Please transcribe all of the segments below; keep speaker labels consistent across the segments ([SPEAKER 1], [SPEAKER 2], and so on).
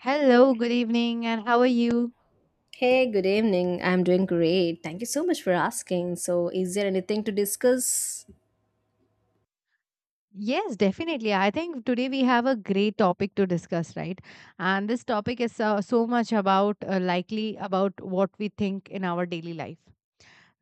[SPEAKER 1] Hello, good evening, and how are you?
[SPEAKER 2] Hey, good evening. I'm doing great. Thank you so much for asking. So, is there anything to discuss?
[SPEAKER 1] Yes, definitely. I think today we have a great topic to discuss, right? And this topic is so, so much about likely about what we think in our daily life,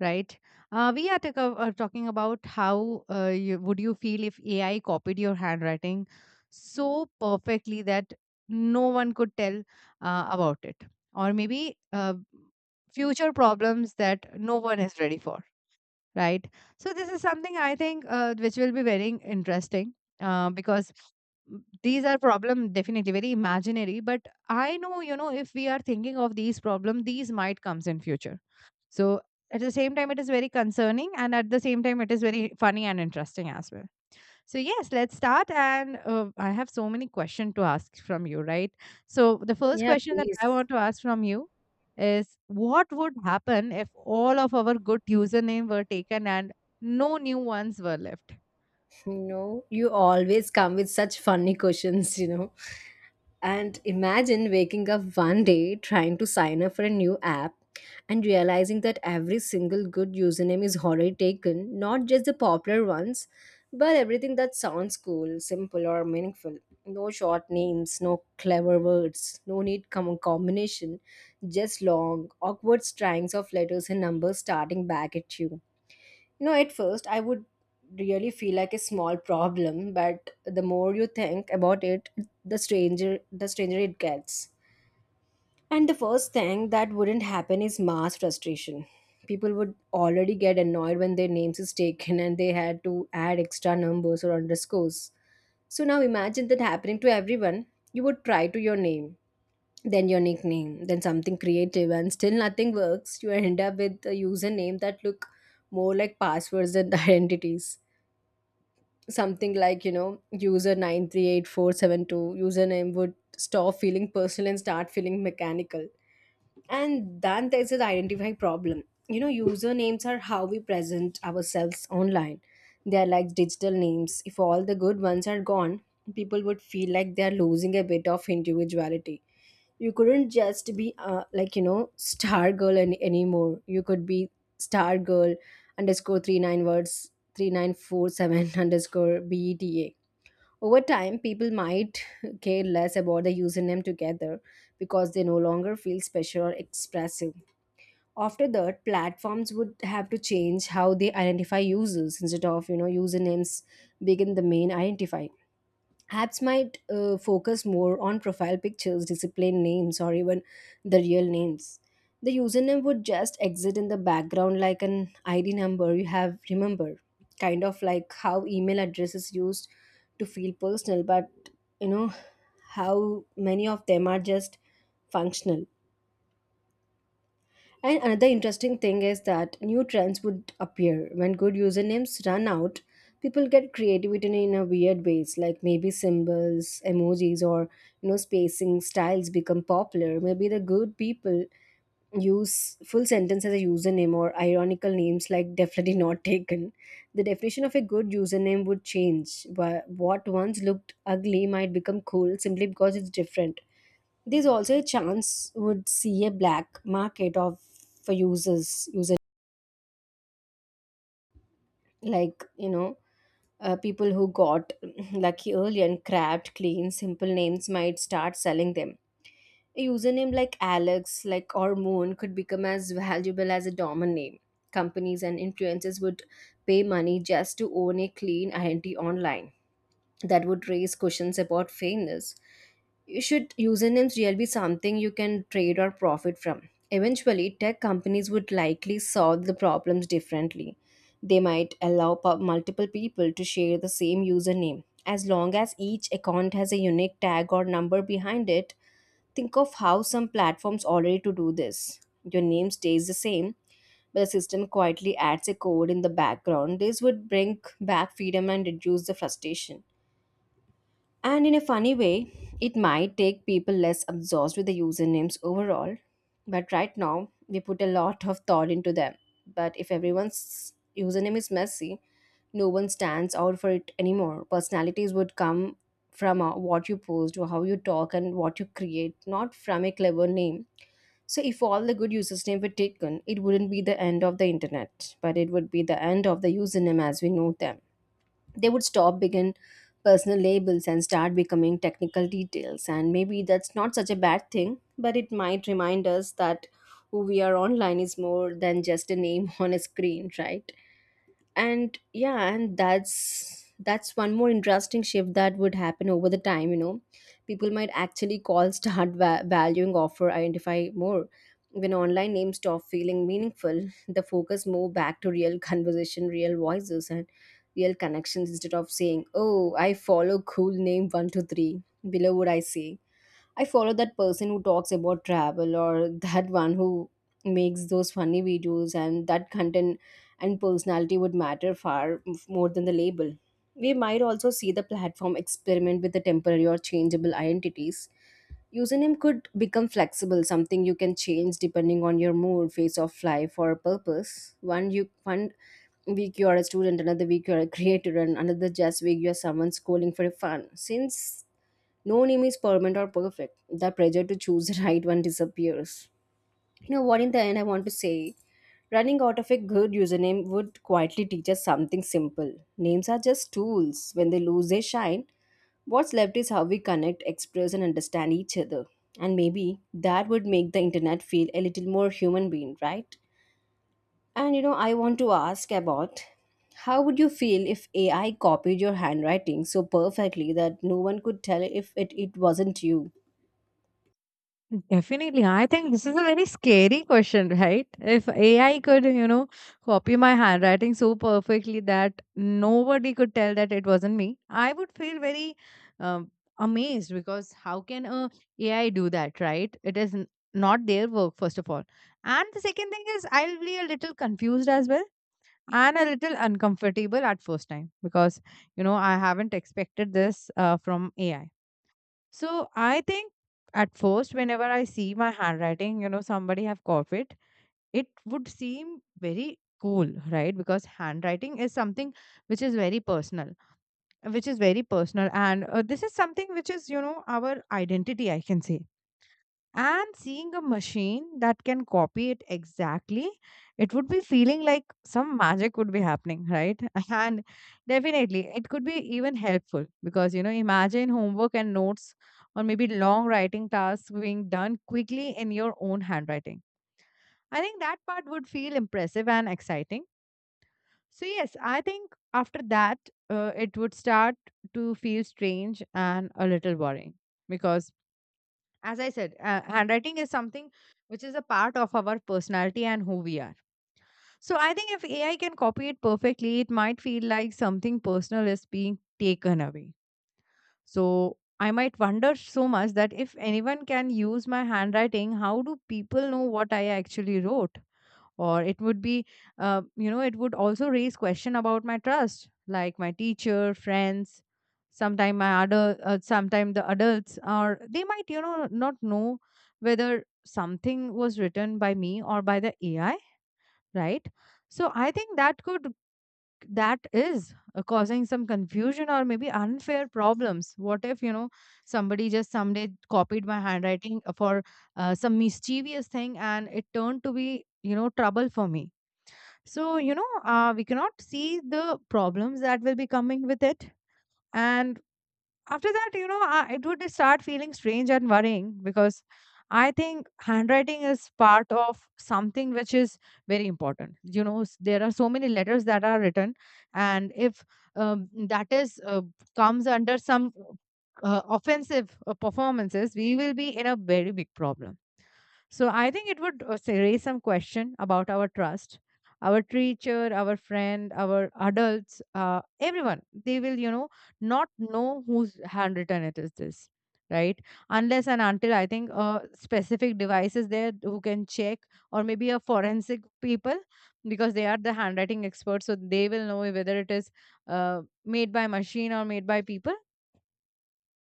[SPEAKER 1] right? We are talking about how would you feel if AI copied your handwriting so perfectly that no one could tell about it, or maybe future problems that no one is ready for, right? So this is something I think which will be very interesting because these are problem definitely very imaginary, but I know, you know, if we are thinking of these problem, these might comes in future. So at the same time it is very concerning, and at the same time it is very funny and interesting as well. So, yes, let's start. And I have so many questions to ask from you, right? So, the first
[SPEAKER 2] Yeah,
[SPEAKER 1] question that I
[SPEAKER 2] please.
[SPEAKER 1] want to ask from you is, what would happen if all of our good username were taken and no new ones were left?
[SPEAKER 2] You know, you always come with such funny questions. And imagine waking up one day trying to sign up for a new app and realizing that every single good username is already taken, not just the popular ones, but everything that sounds cool, simple, or meaningful. No short names, no clever words, no combination, just long, awkward strings of letters and numbers starting back at you. No, at first I would really feel like a small problem, but the more you think about it, the stranger it gets. And the first thing that wouldn't happen is mass frustration. People would already get annoyed when their names is taken and they had to add extra numbers or underscores. So now imagine that happening to everyone. You would try to your name, then your nickname, then something creative and still nothing works. You end up with a username that look more like passwords than identities, something like user 938472. Username would stop feeling personal and start feeling mechanical. And then there's an identify problem. Usernames are how we present ourselves online. They are like digital names. If all the good ones are gone, people would feel like they are losing a bit of individuality. You couldn't just be star anymore. You could be star girl underscore 3 9 words 3947 underscore beta. Over time people might care less about the username together because they no longer feel special or expressive. After that platforms would have to change how they identify users. Instead of usernames begin the main identifier, apps might focus more on profile pictures, discipline names, or even the real names. The username would just exit in the background like an ID number you have remembered, kind of like how email address is used to feel personal, but you know how many of them are just functional. And another interesting thing is that new trends would appear when good usernames run out. People get creativity in a weird ways, like maybe symbols, emojis, or spacing styles become popular. Maybe the good people use full sentence as a username or ironical names like definitely not taken. The definition of a good username would change. What once looked ugly might become cool simply because it's different. There's also a chance would see a black market of for users user, like people who got lucky early and crabbed clean simple names might start selling them. A username like Alex, like, or Moon could become as valuable as a domain name. Companies and influencers would pay money just to own a clean identity online. That would raise questions about fairness. You should usernames really be something you can trade or profit from. Eventually, tech companies would likely solve the problems differently. They might allow multiple people to share the same username. As long as each account has a unique tag or number behind it, think of how some platforms already to do this. Your name stays the same, but the system quietly adds a code in the background. This would bring back freedom and reduce the frustration. And in a funny way, it might take people less obsessed with the usernames overall. But right now, we put a lot of thought into them. But if everyone's username is messy, no one stands out for it anymore. Personalities would come from what you post or how you talk and what you create, not from a clever name. So if all the good usernames were taken, it wouldn't be the end of the internet, but it would be the end of the username as we know them. They would stop begin personal labels and start becoming technical details, and maybe that's not such a bad thing, but it might remind us that who we are online is more than just a name on a screen, right? And yeah, and that's one more interesting shift that would happen over the time. People might actually call start valuing offer identify more. When online names stop feeling meaningful, the focus move back to real conversation, real voices, and real connections. Instead of saying, oh, I follow cool name 123, below what I say, I follow that person who talks about travel, or that one who makes those funny videos, and that content and personality would matter far more than the label. We might also see the platform experiment with the temporary or changeable identities. Username could become flexible, something you can change depending on your mood, phase of life, or purpose. 1 week you are a student, another week you are a creator, and another just week you are someone schooling for fun. Since no name is permanent or perfect, the pressure to choose the right one disappears. You know what, in the end, I want to say running out of a good username would quietly teach us something simple. Names are just tools. When they lose their shine, what's left is how we connect, express, and understand each other. And maybe that would make the internet feel a little more human being, right? And you know, I want to ask about how would you feel if AI copied your handwriting so perfectly that no one could tell if it wasn't you?
[SPEAKER 1] Definitely. I think this is a very scary question, right? If AI could, you know, copy my handwriting so perfectly that nobody could tell that it wasn't me, I would feel very um, amazed, because how can a AI do that, right? It is not their work, first of all. And the second thing is, I'll be a little confused as well and a little uncomfortable at first time because, you know, I haven't expected this from AI. So I think at first, whenever I see my handwriting, you know, somebody have copied, it would seem very cool, right? Because handwriting is something which is very personal, which is very personal, and this is something which is, you know, our identity, I can say. And seeing a machine that can copy it exactly, it would be feeling like some magic would be happening, right? And definitely it could be even helpful, because you know, imagine homework and notes or maybe long writing tasks being done quickly in your own handwriting. I think that part would feel impressive and exciting. So yes, I think after that, it would start to feel strange and a little worrying, because as I said, handwriting is something which is a part of our personality and who we are. So I think if AI can copy it perfectly, it might feel like something personal is being taken away. So I might wonder so much that if anyone can use my handwriting, how do people know what I actually wrote? Or it would be, you know, it would also raise question about my trust, like my teacher, friends, sometime my other, sometime the adults, or they might, you know, not know whether something was written by me or by the AI, right? So I think that could, that is causing some confusion or maybe unfair problems. What if, you know, somebody just someday copied my handwriting for some mischievous thing, and it turned to be, you know, trouble for me? So you know, we cannot see the problems that will be coming with it. And after that, you know, I, it would start feeling strange and worrying, because I think handwriting is part of something which is very important. You know, there are so many letters that are written, and if that is comes under some offensive performances, we will be in a very big problem. So I think it would raise some question about our trust. Our teacher, our friend, our adults, everyone, they will, you know, not know whose handwritten it is this, right? Unless and until I think specific devices there who can check, or maybe a forensic people, because they are the handwriting experts, so they will know whether it is made by machine or made by people.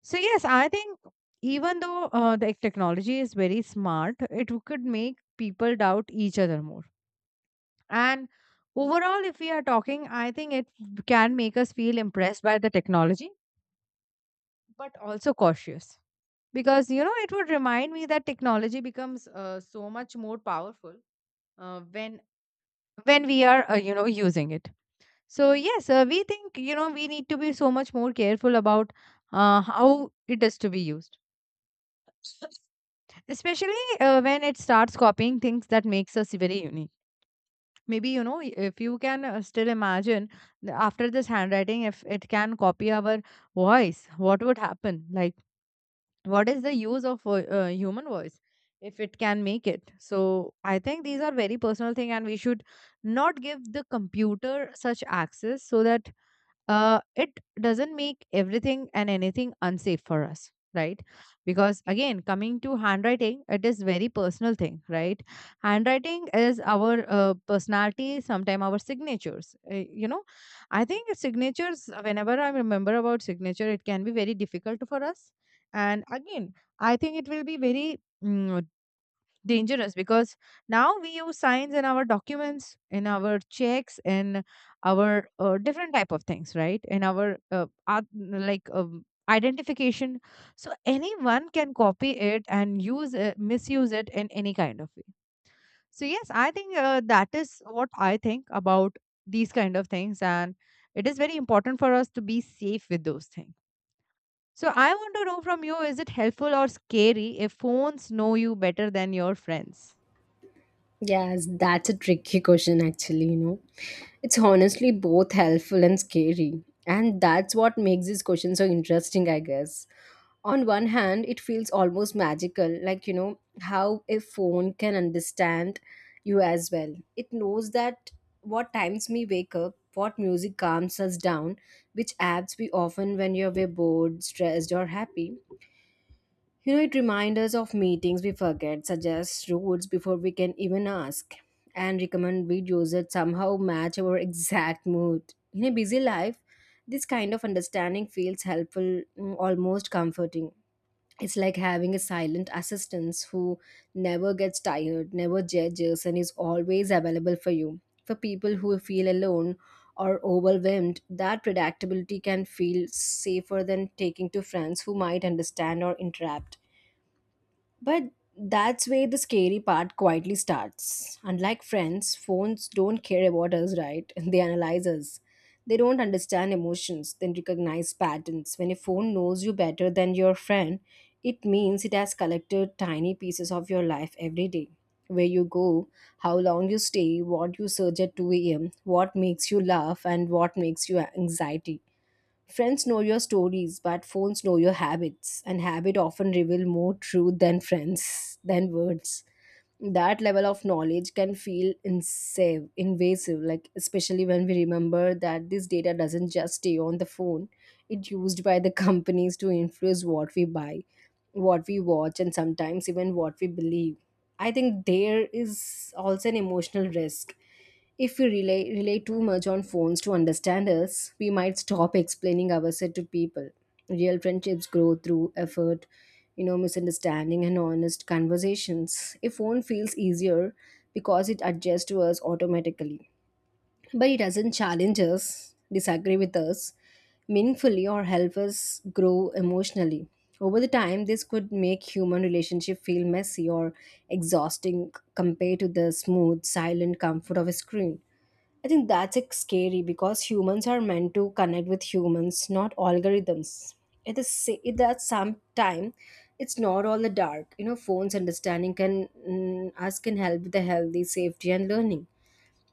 [SPEAKER 1] So yes, I think even though the technology is very smart, it could make people doubt each other more. And overall, if we are talking, I think it can make us feel impressed by the technology, but also cautious, because you know, it would remind me that technology becomes so much more powerful when we are, you know, using it. So yes, we think, you know, we need to be so much more careful about how it is to be used, especially when it starts copying things that makes us very unique. Maybe, you know, if you can still imagine, after this handwriting, if it can copy our voice, what would happen? Like, what is the use of human voice if it can make it? So I think these are very personal thing, and we should not give the computer such access, so that it doesn't make everything and anything unsafe for us, right? Because again, coming to handwriting, it is very personal thing, right? Handwriting is our personality. Sometimes our signatures, you know, I think signatures, whenever I remember about signature, it can be very difficult for us. And again, I think it will be very dangerous, because now we use science in our documents, in our checks, in our different type of things, right? In our like identification, so anyone can copy it and use it, misuse it in any kind of way. So yes, I think that is what I think about these kind of things, and it is very important for us to be safe with those things. So I want to know from you, is it helpful or scary if phones know you better than your friends?
[SPEAKER 2] Yes, that's a tricky question, actually. You know, it's honestly both helpful and scary. And that's what makes this question so interesting, I guess. On one hand, it feels almost magical, like, you know, how a phone can understand you as well. It knows that what times we wake up, what music calms us down, which apps we often when you're bored, stressed, or happy. You know, it reminds us of meetings we forget, suggests routes before we can even ask, and recommend videos that somehow match our exact mood. In a busy life, this kind of understanding feels helpful, mm, almost comforting. It's like having a silent assistant who never gets tired, never judges, and is always available for you. For people who feel alone or overwhelmed, that predictability can feel safer than taking to friends who might understand or interrupt. But that's where the scary part quietly starts. Unlike friends, phones don't care about us, right? They analyze us. They don't understand emotions, then recognize patterns. When a phone knows you better than your friend, it means it has collected tiny pieces of your life every day. Where you go, how long you stay, what you search at 2 a.m., what makes you laugh, and what makes you anxiety. Friends know your stories, but phones know your habits, and habit often reveal more truth than friends than words. That level of knowledge can feel invasive, like especially when we remember that this data doesn't just stay on the phone. It's used by the companies to influence what we buy, what we watch, and sometimes even what we believe. I think there is also an emotional risk. If we rely too much on phones to understand us, we might stop explaining ourselves to people. Real friendships grow through effort, you know, misunderstanding and honest conversations. A phone feels easier because it adjusts to us automatically, but it doesn't challenge us, disagree with us meaningfully, or help us grow emotionally. Over the time, this could make human relationship feel messy or exhausting compared to the smooth, silent comfort of a screen. I think that's scary because humans are meant to connect with humans, not algorithms. It that sometime it's not all the dark. You know, phones understanding can mm, us can help with the healthy safety and learning.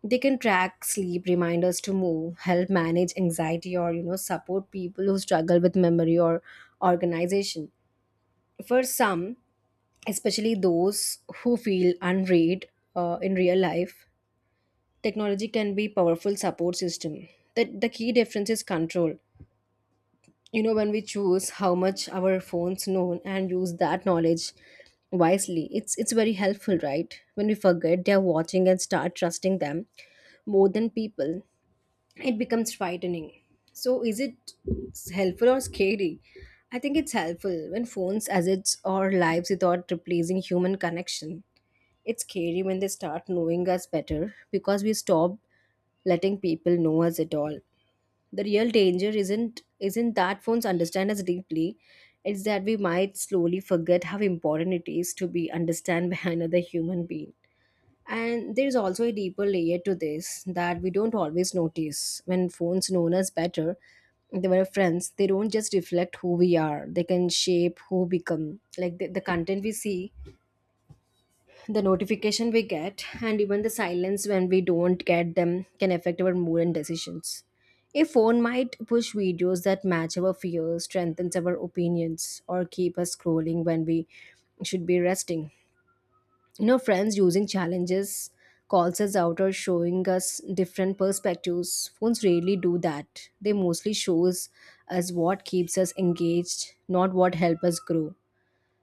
[SPEAKER 2] They can track sleep, remind us to move, help manage anxiety, or you know support people who struggle with memory or organization. For some, especially those who feel unread in real life, technology can be powerful support system. That the key difference is control. You know, when we choose how much our phones know and use that knowledge wisely, it's very helpful, right? When we forget they're watching and start trusting them more than people, it becomes frightening. So is it helpful or scary? I think it's helpful when phones assets our lives without replacing human connection. It's scary when they start knowing us better because we stop letting people know us at all. The real danger isn't that phones understand us deeply, it's that we might slowly forget how important it is to be understand by another human being. And there is also a deeper layer to this that we don't always notice. When phones know us better, they were friends, they don't just reflect who we are. They can shape who become. Like the content we see, the notification we get, and even the silence when we don't get them can affect our mood and decisions. A phone might push videos that match our fears, strengthens our opinions, or keep us scrolling when we should be resting. Friends using challenges calls us out or showing us different perspectives. Phones rarely do that. They mostly shows us what keeps us engaged, not what help us grow.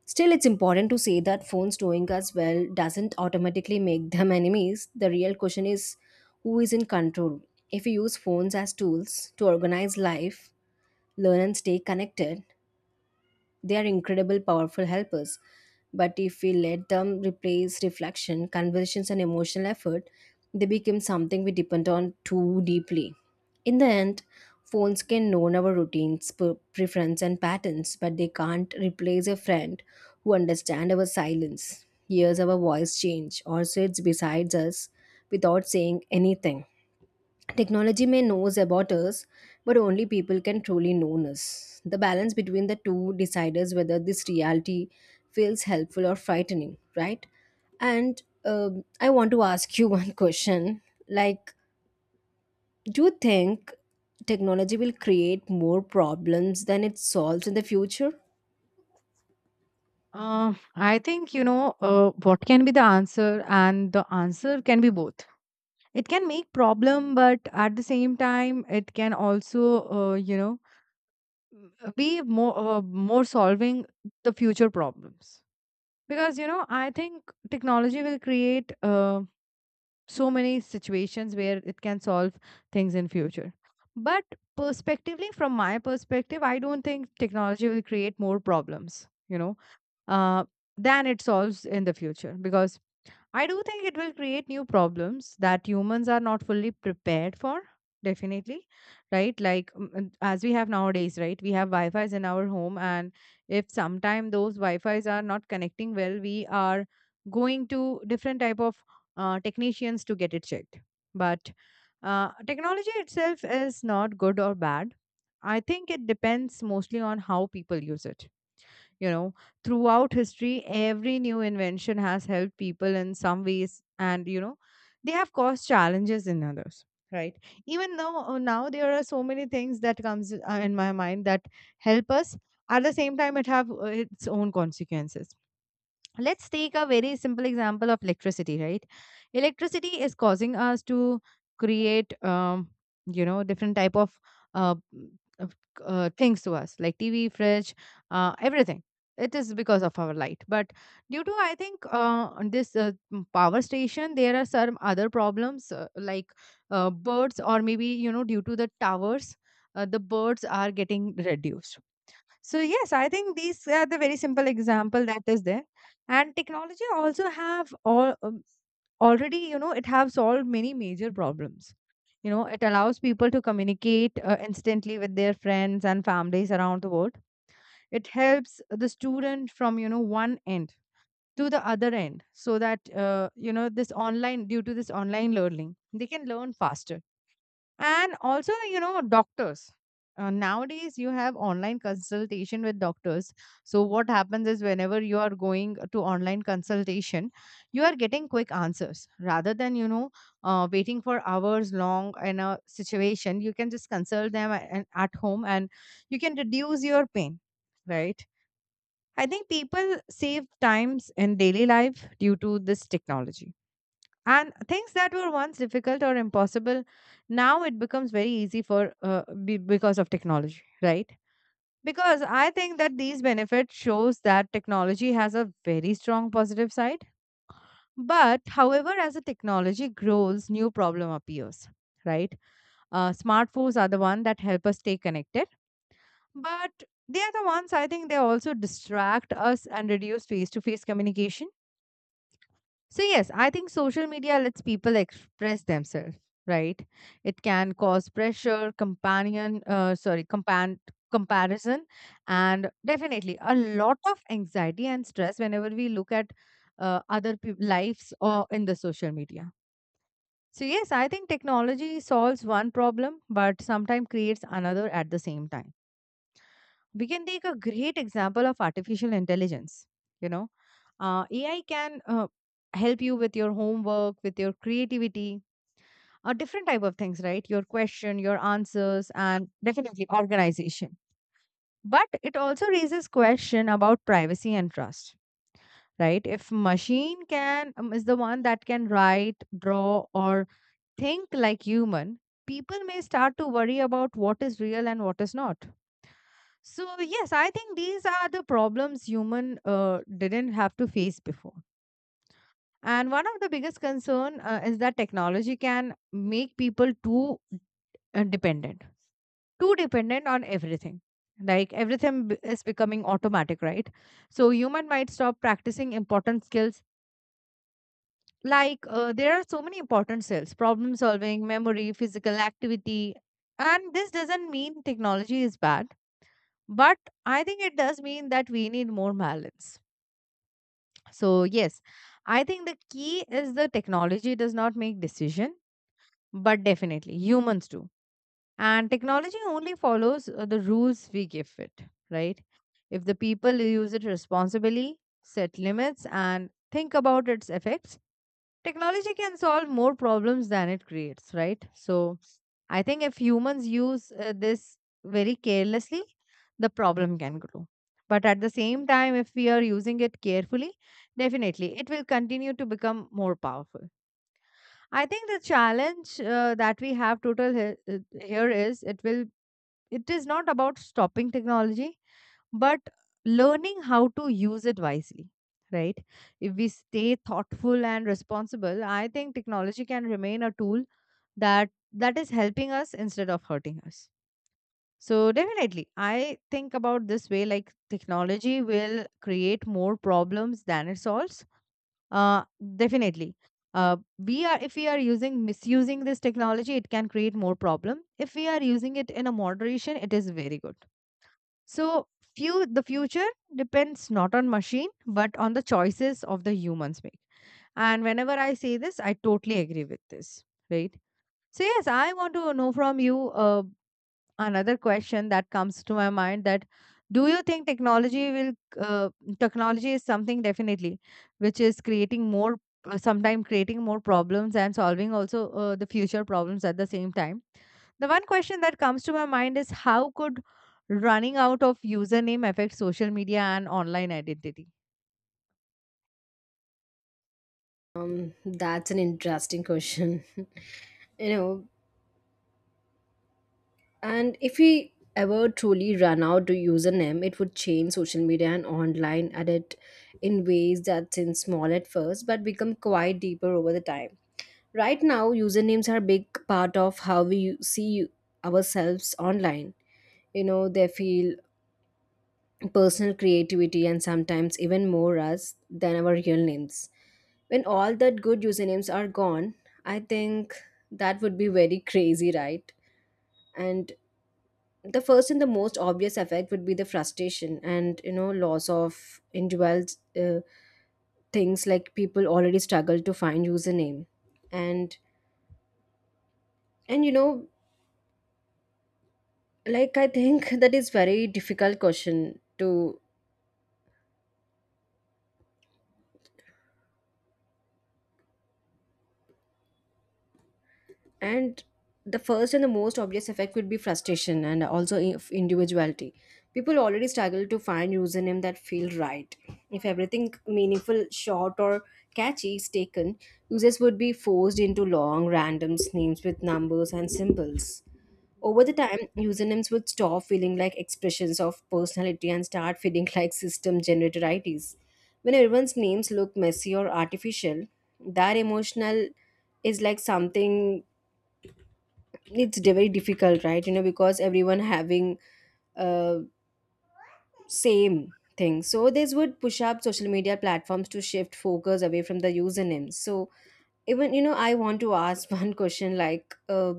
[SPEAKER 2] Still, it's important to say that phones knowing us well doesn't automatically make them enemies. The real question is, who is in control? If we use phones as tools to organize life, learn, and stay connected, they are incredible, powerful helpers. But if we let them replace reflection, conversations, and emotional effort, they become something we depend on too deeply. In the end, phones can know our routines, preference, and patterns, but they can't replace a friend who understands our silence, hears our voice change, or sits beside us without saying anything. Technology may knows about us, but only people can truly know us. The balance between the two decides whether this reality feels helpful or frightening, right? And I want to ask you one question. Like, do you think technology will create more problems than it solves in the future?
[SPEAKER 1] I think, you know, what can be the answer, and the answer can be both. It can make problem, but at the same time, it can also, you know, be more more solving the future problems, because you know, I think technology will create, so many situations where it can solve things in future. But perspectively, from my perspective, I don't think technology will create more problems, you know, uh, than it solves in the future, because I do think it will create new problems that humans are not fully prepared for. Definitely, right? Like and as we have nowadays, right? We have Wi Fi's in our home, and if sometime those Wi Fi's are not connecting well, we are going to different type of technicians to get it checked. But technology itself is not good or bad. I think it depends mostly on how people use it. You know, throughout history, every new invention has helped people in some ways, and you know, they have caused challenges in others. Right. Even though now there are so many things that comes in my mind that help us. At the same time, it have its own consequences. Let's take a very simple example of electricity, right? Electricity is causing us to create you know, different type of uh, of, things to us, like tv, fridge, everything. It is because of our light, but due to, I think, this power station, there are some other problems, like birds, or maybe you know, due to the towers, the birds are getting reduced. So yes, I think these are the very simple example that is there. And technology also have all, already, you know, it have solved many major problems. You know, it allows people to communicate instantly with their friends and families around the world. It helps the student from, you know, one end to the other end, so that, you know, this online, due to this online learning, they can learn faster. And also, you know, doctors, nowadays you have online consultation with doctors. So what happens is, whenever you are going to online consultation, you are getting quick answers, rather than, you know, waiting for hours long in a situation. You can just consult them and at home, and you can reduce your pain, right? I think people save times in daily life due to this technology, and things that were once difficult or impossible now it becomes very easy for, because of technology, right? Because I think that these benefits shows that technology has a very strong positive side. But however, as the technology grows, new problem appears, right? Smartphones are the one that help us stay connected, but they are the ones, I think they also distract us and reduce face to face communication. So, yes, I think social media lets people express themselves, right? It can cause pressure, comparison, and definitely a lot of anxiety and stress whenever we look at other peop lives or in the social media. So, yes, I think technology solves one problem, but sometimes creates another at the same time. We can take a great example of artificial intelligence. you know AI can help you with your homework, with your creativity, a different type of things, right? Your question, your answers, and definitely organization. But it also raises question about privacy and trust, right? If machine can is the one that can write, draw or think like human, people may start to worry about what is real and what is not. So, yes, I think these are the problems human didn't have to face before. And one of the biggest concern is that technology can make people too uh, dependent, too dependent on everything. Like everything is becoming automatic, right? So human might stop practicing important skills. There are so many important skills: problem solving, memory, physical activity. And this doesn't mean technology is bad, but I think it does mean that we need more balance. So yes, I think the key is the technology does not make decision, but definitely humans do. And technology only follows the rules we give it, right? If the people use it responsibly, set limits and think about its effects, technology can solve more problems than it creates, right? So I think if humans use this very carelessly, the problem can grow. But at the same time, if we are using it carefully, definitely it will continue to become more powerful. I think the challenge that we have total he- here is it is not about stopping technology, but learning how to use it wisely, right? If we stay thoughtful and responsible, I think technology can remain a tool that is helping us instead of hurting us. So definitely I think about this way, like technology will create more problems than it solves. uh Definitely. We are, if we are using, misusing this technology, it can create more problem. If we are using it in a moderation, it is very good. So few the future depends not on machine but on the choices of the humans make. And whenever I say this, I totally agree with this, right? So yes, I want to know from you. Another question that comes to my mind that do you think technology will uh, technology is something definitely which is creating more, sometime creating more problems and solving also the future problems at the same time. The one question that comes to my mind is, how could running out of username affect social media and online identity?
[SPEAKER 2] That's an interesting question. you know, And if we ever truly run out to username, it would change social media and online edit in ways that seem small at first but become quite deeper over the time. Right now, usernames are a big part of how we see ourselves online. They feel personal creativity and sometimes even more us than our real names. When all that good usernames are gone, I think that would be very crazy, right? And the first and the most obvious effect would be the frustration and loss of individual uh, things. Like, people already struggle to find username, and and like I think that is very difficult question to. And the first and the most obvious effect would be frustration and also if individuality. People already struggle to find username that feel right. If everything meaningful short or catchy is taken, users would be forced into long random names with numbers and symbols. Over the time, usernames would stop feeling like expressions of personality and start feeling like system generated ids. When everyone's names look messy or artificial, that emotional is like something. It's very difficult, right? Because everyone having uh same thing. So this would push up social media platforms to shift focus away from the usernames. So, even I want to ask one question. Like,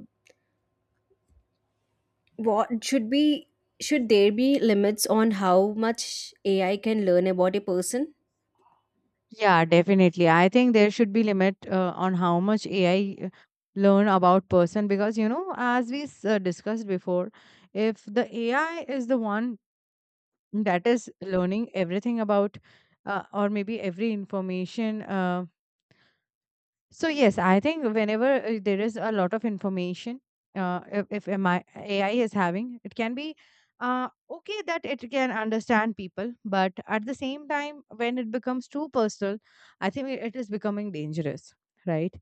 [SPEAKER 2] what should be should there be limits on how much AI can learn about a person?
[SPEAKER 1] Yeah, definitely. I think there should be limit on how much AI learn about person, because you know, as we discussed before, if the AI is the one that is learning everything about, or maybe every information, so yes, I think whenever there is a lot of information, if MI AI is having, it can be okay that it can understand people, but at the same time, when it becomes too personal, I think it is becoming dangerous. Right?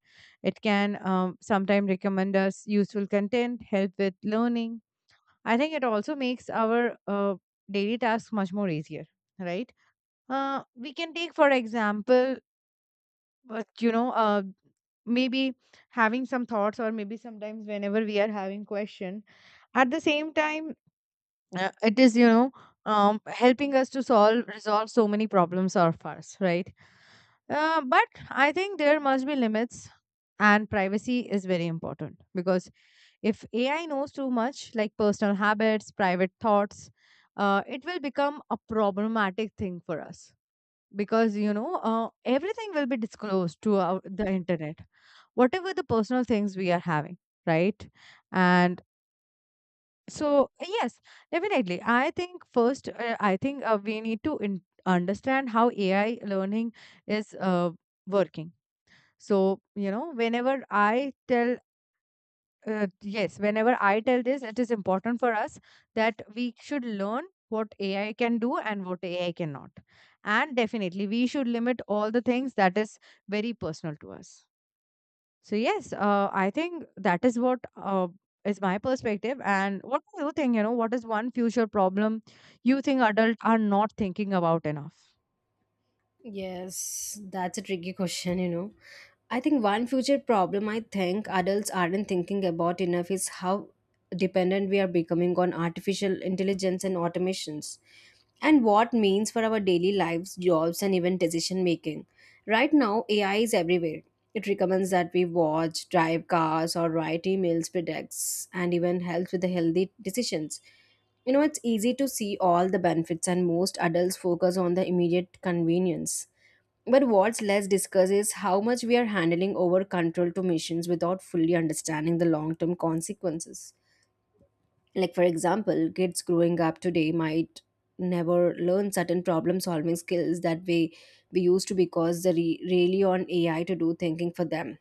[SPEAKER 1] It can sometimes recommend us useful content, help with learning. I think it also makes our daily tasks much more easier. Right? We can take for example, but you know, maybe having some thoughts, or maybe sometimes whenever we are having question at the same time, it is, you know, helping us to solve, resolve so many problems of ours, right? But I think there must be limits, and privacy is very important, because if AI knows too much, like personal habits, private thoughts, it will become a problematic thing for us, because you know, everything will be disclosed to our, the internet, whatever the personal things we are having, right? And so yes, definitely I think first, I think we need to understand how AI learning is, working. So you know, whenever whenever I tell this, it is important for us that we should learn what AI can do and what AI cannot. And definitely, we should limit all the things that is very personal to us. So, yes, I think that is what is my perspective. And what do you think? You know, what is one future problem you think adults are not thinking about enough?
[SPEAKER 2] Yes, that's a tricky question. I think one future problem I think adults aren't thinking about enough is how dependent we are becoming on artificial intelligence and automations, and what means for our daily lives, jobs, and even decision making. Right now, AI is everywhere. It recommends that we watch, drive cars or write emails, predicts and even helps with the healthy decisions. It's easy to see all the benefits, and most adults focus on the immediate convenience. But what's less discussed is how much we are handling over control to machines without fully understanding the long term consequences. Like, for example, kids growing up today might never learn certain problem solving skills that we used to because they really on AI to do thinking for them.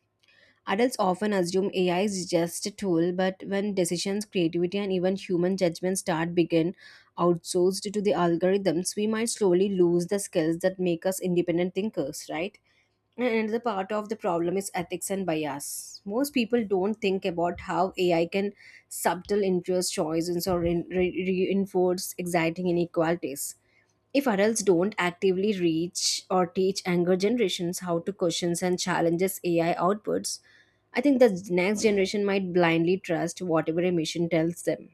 [SPEAKER 2] Adults often assume AI is just a tool, but when decisions, creativity, and even human judgment start begin outsourced to the algorithms, we might slowly lose the skills that make us independent thinkers, right? And another part of the problem is ethics and bias. Most people don't think about how AI can subtle influence choices or reinforce exciting inequalities. If adults don't actively reach or teach younger generations how to question and challenges AI outputs, I think the next generation might blindly trust whatever a machine tells them.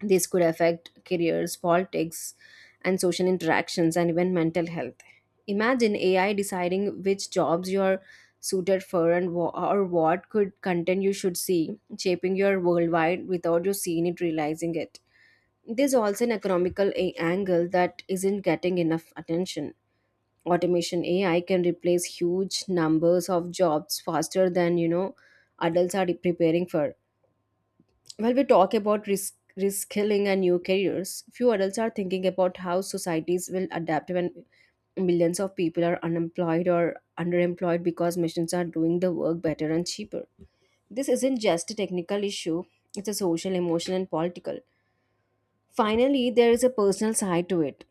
[SPEAKER 2] This could affect careers, politics, and social interactions, and even mental health. Imagine AI deciding which jobs you're suited for and or what could content you should see, shaping your worldwide without you seeing it, realizing it. There's also an economical angle that isn't getting enough attention. Automation AI can replace huge numbers of jobs faster than adults are preparing for. While we talk about risk reskilling and new careers, few adults are thinking about how societies will adapt when millions of people are unemployed or underemployed because machines are doing the work better and cheaper. This isn't just a technical issue; it's a social, emotional, and political. Finally, there is a personal side to it.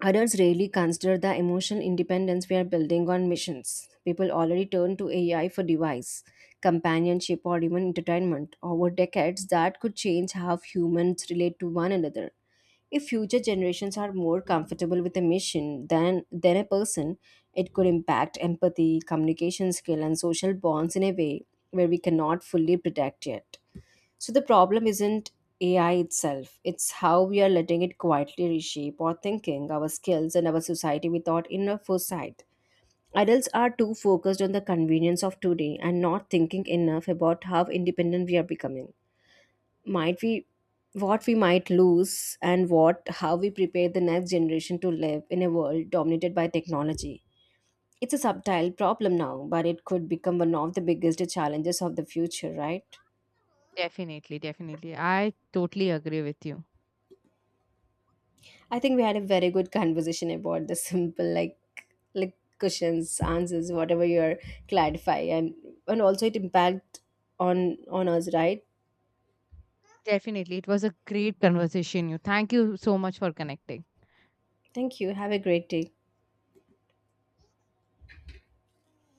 [SPEAKER 2] Others rarely consider the emotional independence we are building on missions. People already turn to AI for device, companionship, or even entertainment. Over decades, that could change how humans relate to one another. If future generations are more comfortable with a mission than a person, it could impact empathy, communication skill, and social bonds in a way where we cannot fully predict yet. So the problem isn't AI itself, it's how we are letting it quietly reshape our thinking, our skills, and our society without enough foresight. Adults are too focused on the convenience of today and not thinking enough about how independent we are becoming. Might we What we might lose, and what how we prepare the next generation to live in a world dominated by technology. It's a subtle problem now, but it could become one of the biggest challenges of the future, right?
[SPEAKER 1] Definitely, definitely. I totally agree with you.
[SPEAKER 2] I think we had a very good conversation about the simple, like, questions, answers, whatever you're clarify, and also it impact on us, right?
[SPEAKER 1] Definitely. It was a great conversation. You. Thank you so much for connecting.
[SPEAKER 2] Thank you. Have a great day.